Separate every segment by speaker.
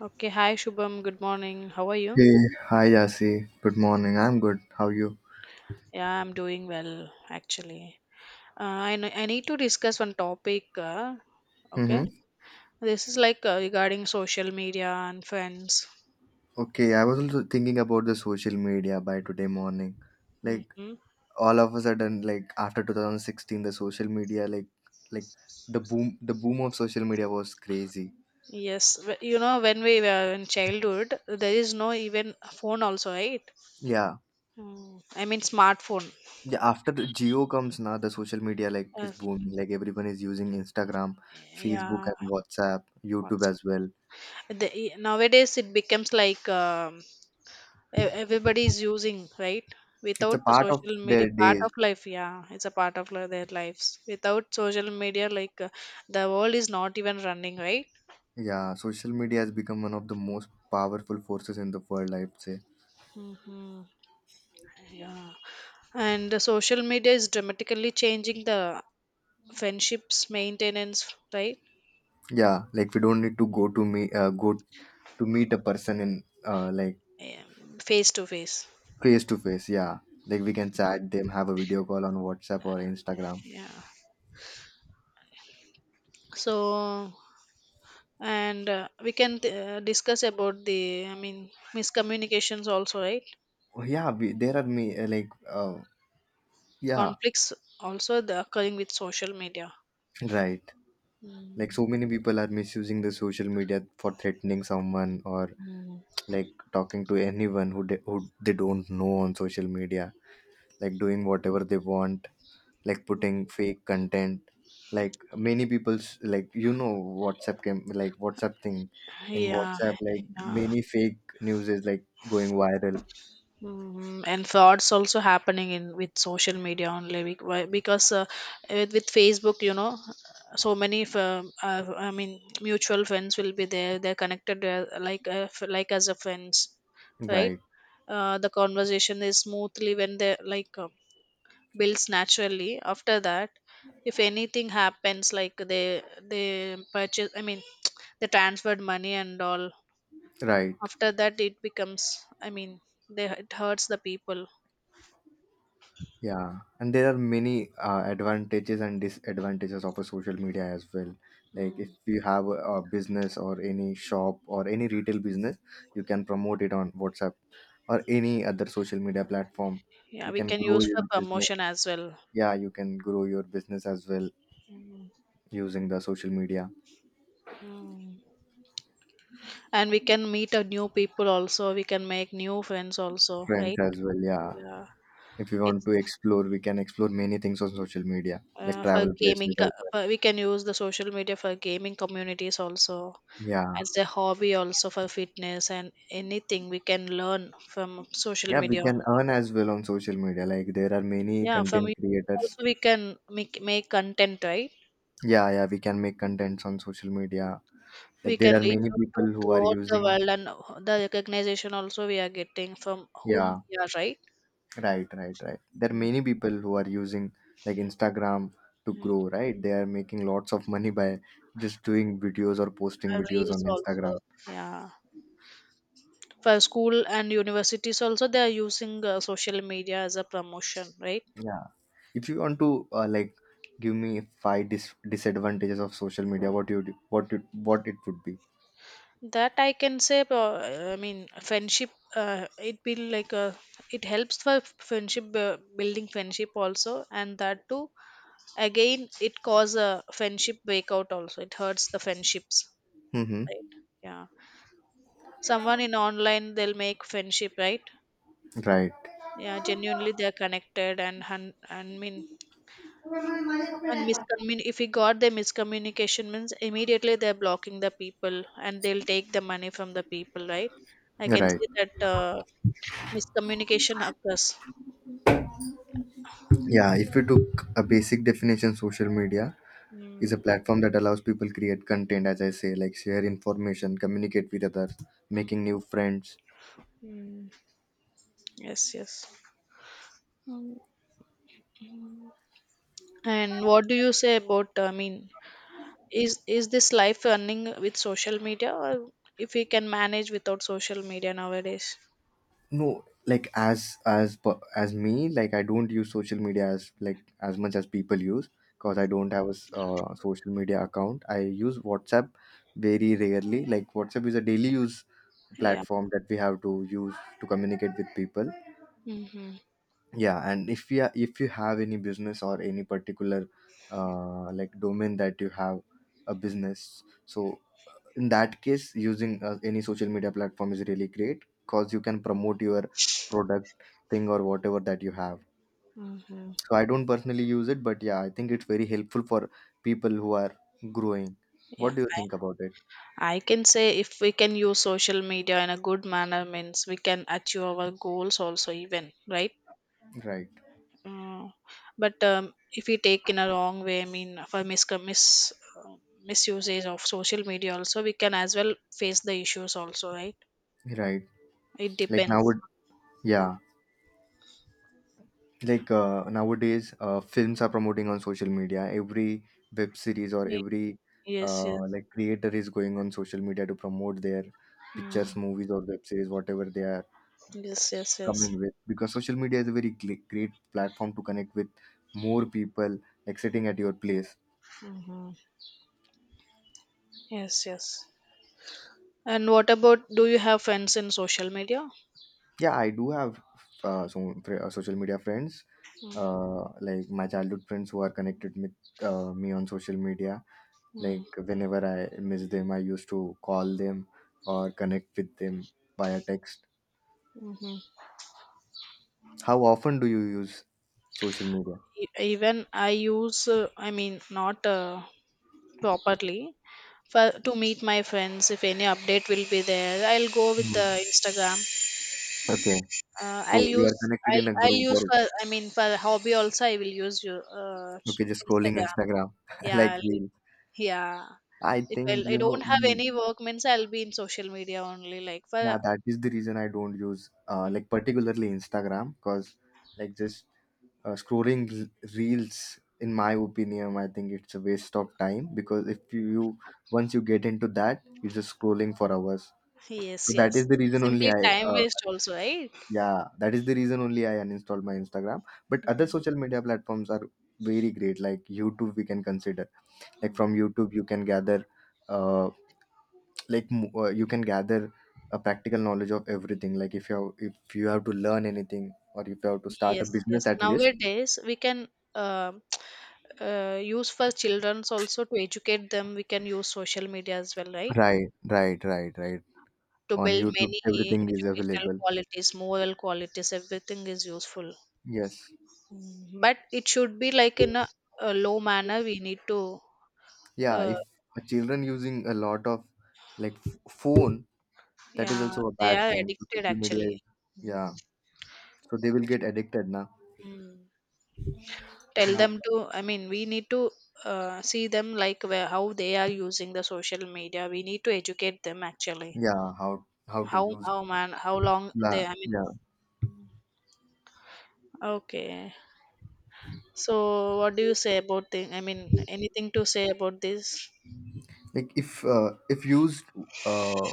Speaker 1: Okay, hi Shubham. Good morning. How are you?
Speaker 2: Hey, hi Yasi. Good morning. I'm good. How are you?
Speaker 1: Yeah, I'm doing well actually. I need to discuss one topic. Okay,
Speaker 2: Mm-hmm.
Speaker 1: this is like regarding social media and friends.
Speaker 2: Okay, I was also thinking about the social media by today morning. Like
Speaker 1: Mm-hmm.
Speaker 2: all of a sudden, like after 2016, the social media, like the boom of social media was crazy.
Speaker 1: You know, when we were in childhood, there is no even phone also, right?
Speaker 2: Yeah,
Speaker 1: Mm. I mean smartphone.
Speaker 2: yeah. After the Geo comes now, the social media like is
Speaker 1: Uh,
Speaker 2: booming. Like everyone is using Instagram, Facebook,
Speaker 1: yeah.
Speaker 2: and WhatsApp, YouTube
Speaker 1: what's-
Speaker 2: as well.
Speaker 1: Nowadays it becomes like everybody is using, right?
Speaker 2: It's a
Speaker 1: Without
Speaker 2: part of
Speaker 1: social media,
Speaker 2: their
Speaker 1: part of
Speaker 2: days.
Speaker 1: life yeah it's a part of their lives, without social media, like the world is not even running, right?
Speaker 2: Yeah, social media has become one of the most powerful forces in the world, I'd say.
Speaker 1: Hmm, yeah. And the social media is dramatically changing the friendships maintenance, right?
Speaker 2: Yeah, like we don't need to go to meet a person in like
Speaker 1: Yeah, face to face,
Speaker 2: face to face, yeah, like we can chat them, have a video call on WhatsApp or Instagram.
Speaker 1: yeah. So and we can discuss about the, I mean, miscommunications also, right?
Speaker 2: Oh, yeah we, there are me like yeah,
Speaker 1: Conflicts also the occurring with social media.
Speaker 2: right. Like
Speaker 1: Mm,
Speaker 2: so many people are misusing the social media for threatening someone, or
Speaker 1: mm.
Speaker 2: like talking to anyone they who they don't know on social media, like doing whatever they want, like putting fake content, like many people's, like, WhatsApp came, like WhatsApp thing, in
Speaker 1: Yeah,
Speaker 2: WhatsApp like
Speaker 1: yeah.
Speaker 2: many fake news is like going viral.
Speaker 1: Mm, and frauds also happening in with social media only because with Facebook, you know, so many I mean mutual friends will be there. They're connected like like as a friends, right?
Speaker 2: Right,
Speaker 1: The conversation is smoothly when they like builds naturally. After that, if anything happens, like they purchase, I mean, they transferred money and all.
Speaker 2: right.
Speaker 1: After that, it becomes, I mean, they, it hurts the people.
Speaker 2: Yeah, and there are many advantages and disadvantages of a social media as well. Like
Speaker 1: Mm.
Speaker 2: if you have a business or any shop or any retail business, you can promote it on WhatsApp or any other social media platform. You
Speaker 1: Yeah, we
Speaker 2: can
Speaker 1: can
Speaker 2: grow
Speaker 1: use for
Speaker 2: your business.
Speaker 1: promotion as well.
Speaker 2: Yeah, you can grow your business as well using the social media
Speaker 1: Mm. And we can meet a new people also. We can make new friends also,
Speaker 2: trends
Speaker 1: right?
Speaker 2: as well. Yeah,
Speaker 1: Yeah,
Speaker 2: if we want
Speaker 1: it's
Speaker 2: to explore, we can explore many things on social media, like
Speaker 1: for
Speaker 2: travel places
Speaker 1: gaming.
Speaker 2: as well.
Speaker 1: For, we can use the social media for gaming communities also,
Speaker 2: Yeah,
Speaker 1: as a hobby also, for fitness and anything we can learn from social
Speaker 2: yeah, we
Speaker 1: media
Speaker 2: can
Speaker 1: only.
Speaker 2: earn as well on social media. Like there are many
Speaker 1: Yeah, from
Speaker 2: content
Speaker 1: YouTube
Speaker 2: creators.
Speaker 1: also we can make content, right?
Speaker 2: Yeah, yeah, we can make contents on social media.
Speaker 1: We
Speaker 2: Like there
Speaker 1: can
Speaker 2: are
Speaker 1: reach
Speaker 2: many
Speaker 1: out
Speaker 2: people
Speaker 1: to
Speaker 2: who are
Speaker 1: throughout the
Speaker 2: using.
Speaker 1: world and the recognition also we are getting from whom
Speaker 2: Yeah,
Speaker 1: we are, right?
Speaker 2: right, right, right. There are
Speaker 1: Mm.
Speaker 2: many people who are using like Instagram to
Speaker 1: Mm,
Speaker 2: grow. Right, they are making lots of money by just doing videos or posting
Speaker 1: and
Speaker 2: videos on
Speaker 1: reels also,
Speaker 2: Instagram.
Speaker 1: yeah. For school and universities also they are using social media as a promotion, right?
Speaker 2: Yeah, if you want to like give me five disadvantages of social media, what you, what it would be.
Speaker 1: That I can say I mean friendship, it be like a, it helps for friendship, building friendship also. And that too, again it cause a friendship breakout also, it hurts the friendships,
Speaker 2: Mm-hmm.
Speaker 1: right? Yeah, someone in online they'll make friendship, right?
Speaker 2: Right,
Speaker 1: Yeah, genuinely they're connected and hun- and mean and miscommun if we got the miscommunication means immediately they're blocking the people and they'll take the money from the people, right? I can
Speaker 2: right.
Speaker 1: see that miscommunication occurs.
Speaker 2: Yeah, if you took a basic definition, social media is a
Speaker 1: Mm,
Speaker 2: platform that allows people create content, as I say, like share information, communicate with others,
Speaker 1: mm,
Speaker 2: making new friends.
Speaker 1: mm. Yes, yes. Mm. And what do you say about I mean, is this life running with social media, or if we can manage without social media nowadays?
Speaker 2: No, like as me, like I don't use social media as like as much as people use, because
Speaker 1: Hmm.
Speaker 2: I don't have a social media account. I use WhatsApp very rarely. Like WhatsApp is a daily use
Speaker 1: Yeah.
Speaker 2: platform that we have to use to communicate with people.
Speaker 1: Mm-hmm.
Speaker 2: Yeah, and if you, if you have any business or any particular like domain that you have a business, so in that case using any social media platform is really great, because you can promote your product thing or whatever that you have.
Speaker 1: Mm-hmm.
Speaker 2: So I don't personally use it, but yeah, I think it's very helpful for people who are growing.
Speaker 1: Yeah,
Speaker 2: What do you think about it?
Speaker 1: I can say if we can use social media in a good manner, means we can achieve our goals also, even, right.
Speaker 2: Right,
Speaker 1: Uh, but if we take in a wrong way, I mean, for misusage of social media also, we can as well face the issues also, right?
Speaker 2: right.
Speaker 1: It
Speaker 2: Like now
Speaker 1: depends.
Speaker 2: would,
Speaker 1: Uh,
Speaker 2: yeah, like nowadays films are promoting on social media. Every web series, or
Speaker 1: ye-
Speaker 2: every
Speaker 1: yes, yes.
Speaker 2: like creator is going on social media to promote their pictures,
Speaker 1: Mm,
Speaker 2: movies, or web series, whatever they are
Speaker 1: yes, yes, yes.
Speaker 2: come in with, because social media is a very great platform to connect with more people, like sitting at your place.
Speaker 1: Mm-hmm. Yes, yes. And what about, do you have friends in social media?
Speaker 2: Yeah, I do have some social media friends, like my childhood friends who are connected with me on social media. Like whenever I miss them, I used to call them or connect with them via text.
Speaker 1: Mm.
Speaker 2: How often do you use social media?
Speaker 1: Even I use I mean, not properly. For to meet my friends, if any update will be there, I'll go with
Speaker 2: Hmm.
Speaker 1: the Instagram.
Speaker 2: Okay. So
Speaker 1: I'll
Speaker 2: you are
Speaker 1: use,
Speaker 2: connected in
Speaker 1: I'll,
Speaker 2: a
Speaker 1: I'll
Speaker 2: group,
Speaker 1: use
Speaker 2: or,
Speaker 1: for, I mean for hobby also I will use you. uh,
Speaker 2: okay, just scrolling
Speaker 1: Instagram,
Speaker 2: Instagram
Speaker 1: yeah.
Speaker 2: like real.
Speaker 1: Yeah,
Speaker 2: I
Speaker 1: if
Speaker 2: think
Speaker 1: I'll, I
Speaker 2: you know
Speaker 1: don't have
Speaker 2: in,
Speaker 1: any work means I'll be in social media only, like for.
Speaker 2: yeah, that is the reason I don't use
Speaker 1: Mhm.
Speaker 2: like particularly Instagram, because like just scrolling reels, in my opinion, I think it's a waste of time, because if you, you once you get into that, you're just scrolling for hours.
Speaker 1: Yes,
Speaker 2: So that
Speaker 1: yes.
Speaker 2: is the reason only
Speaker 1: Simply
Speaker 2: I,
Speaker 1: time
Speaker 2: uh,
Speaker 1: waste also, right?
Speaker 2: yeah, that is the reason only I uninstalled my Instagram. But other
Speaker 1: Mm-hmm.
Speaker 2: social media platforms are very great. Like YouTube, we can consider, like from YouTube you can gather, uh, like you can gather a practical knowledge of everything. Like if you have to learn anything, or if you have to start a
Speaker 1: Yes, yes.
Speaker 2: business at least.
Speaker 1: Nowadays, we can uh, use for childrens also to educate them. We can use social media as well, right?
Speaker 2: Right, right, right, right.
Speaker 1: To
Speaker 2: On
Speaker 1: build
Speaker 2: YouTube
Speaker 1: many
Speaker 2: everything is
Speaker 1: educational
Speaker 2: available.
Speaker 1: qualities, moral qualities, everything is useful.
Speaker 2: Yes.
Speaker 1: Mm. But it should be like in a low manner. We need to,
Speaker 2: Yeah,
Speaker 1: uh,
Speaker 2: if a children using a lot of like phone, that is
Speaker 1: yeah,
Speaker 2: also a
Speaker 1: they
Speaker 2: bad
Speaker 1: are
Speaker 2: thing. So
Speaker 1: addicted
Speaker 2: social media
Speaker 1: actually.
Speaker 2: is, yeah,
Speaker 1: Mm.
Speaker 2: so they will get addicted now.
Speaker 1: Mm. Tell
Speaker 2: Now,
Speaker 1: them to, I mean, we need to see them like where, how they are using the social media. We need to educate them actually.
Speaker 2: yeah, how to
Speaker 1: How
Speaker 2: use.
Speaker 1: how long
Speaker 2: Yeah,
Speaker 1: they, I mean.
Speaker 2: yeah,
Speaker 1: Okay. So what do you say about the, I mean, anything to say about this?
Speaker 2: like if used uh,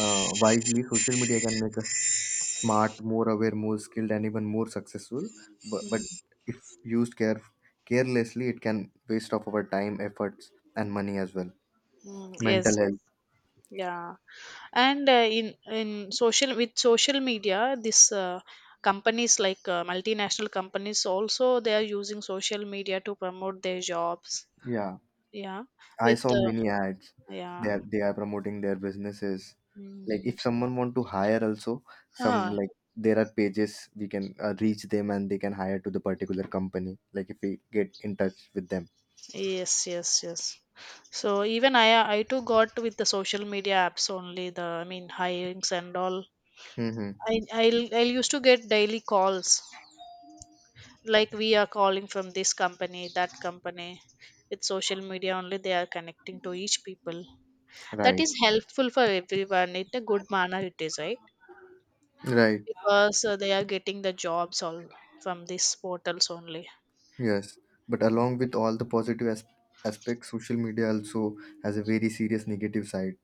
Speaker 2: wisely, social media can make us smart, more aware, more skilled, and even more successful. But if used carelessly, it can waste of our time, efforts, and money as well.
Speaker 1: Mm, yes,
Speaker 2: Mental
Speaker 1: yes.
Speaker 2: health.
Speaker 1: Yeah. And in social with social media, this companies, like multinational companies also, they are using social media to promote their jobs.
Speaker 2: Yeah,
Speaker 1: Yeah.
Speaker 2: I
Speaker 1: With
Speaker 2: saw many ads. They
Speaker 1: Yeah.
Speaker 2: are they are promoting their businesses. Like
Speaker 1: Mm.
Speaker 2: if someone want to hire, also some,
Speaker 1: Ah,
Speaker 2: like there are pages we can reach them and they can hire to the particular company. Like if we get in touch with them.
Speaker 1: yes, yes, yes. So even I too got with the social media apps only. The, I mean, hirings and all.
Speaker 2: Mm-hmm.
Speaker 1: I'll used to get daily calls, like we are calling from this company, that company. With social media only, they are connecting to each people. That
Speaker 2: Right.
Speaker 1: is helpful for everyone. In a good manner, it is right,
Speaker 2: Right.
Speaker 1: because they are getting the jobs all from these portals only.
Speaker 2: Yes, but
Speaker 1: Mm.
Speaker 2: along with all the positive aspects, social media also has a very serious negative side.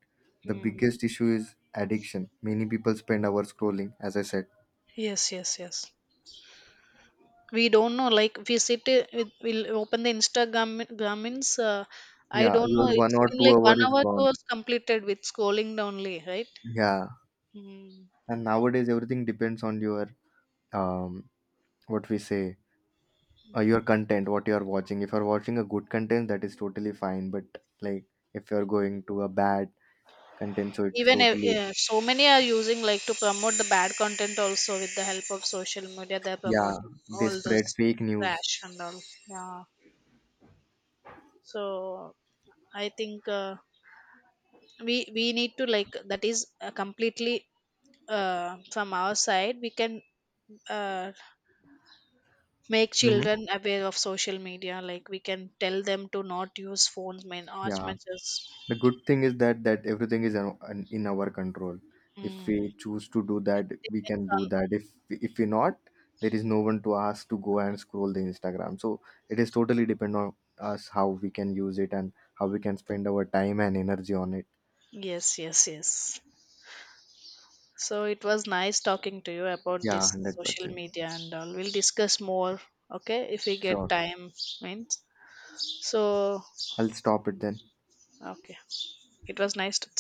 Speaker 2: The
Speaker 1: Mm.
Speaker 2: biggest issue is addiction. Many people spend hours scrolling, as I said.
Speaker 1: Yes, yes, yes. We don't know, like we sit with, we'll open the Instagram grammins, I
Speaker 2: Yeah,
Speaker 1: don't know,
Speaker 2: your one
Speaker 1: it's
Speaker 2: or
Speaker 1: been
Speaker 2: two
Speaker 1: like
Speaker 2: hour
Speaker 1: one
Speaker 2: is
Speaker 1: hour two
Speaker 2: gone.
Speaker 1: hours completed with scrolling down only, right?
Speaker 2: Yeah,
Speaker 1: Mm.
Speaker 2: and nowadays everything depends on your um, what we say, your content, what you are watching. If you are watching a good content, that is totally fine. But like, if you are going to a bad content, so it's
Speaker 1: Even
Speaker 2: totally,
Speaker 1: so many are using like to promote the bad content also. With the help of social media they're
Speaker 2: yeah,
Speaker 1: promoting
Speaker 2: they
Speaker 1: all
Speaker 2: spread
Speaker 1: those
Speaker 2: fake news.
Speaker 1: trash and all, yeah. So I think we need to, like, that is completely from our side, we can uh, make
Speaker 2: Hmm.
Speaker 1: children aware of social media, like we can tell them to not use phones main as
Speaker 2: Yeah.
Speaker 1: much as.
Speaker 2: The good thing is that everything is in in our control. If
Speaker 1: Mm,
Speaker 2: we choose to do that, we can
Speaker 1: depends
Speaker 2: do
Speaker 1: on.
Speaker 2: that. If we not, there is no one to ask to go and scroll the Instagram. So it is totally depend on us how we can use it and how we can spend our time and energy on it.
Speaker 1: Yes, yes, yes. So it was nice talking to you about
Speaker 2: Yeah, one
Speaker 1: this
Speaker 2: hundred
Speaker 1: social
Speaker 2: percent.
Speaker 1: media and all. We'll discuss more, okay, if we get
Speaker 2: Sure.
Speaker 1: time means. So
Speaker 2: I'll stop it then.
Speaker 1: okay, it was nice to.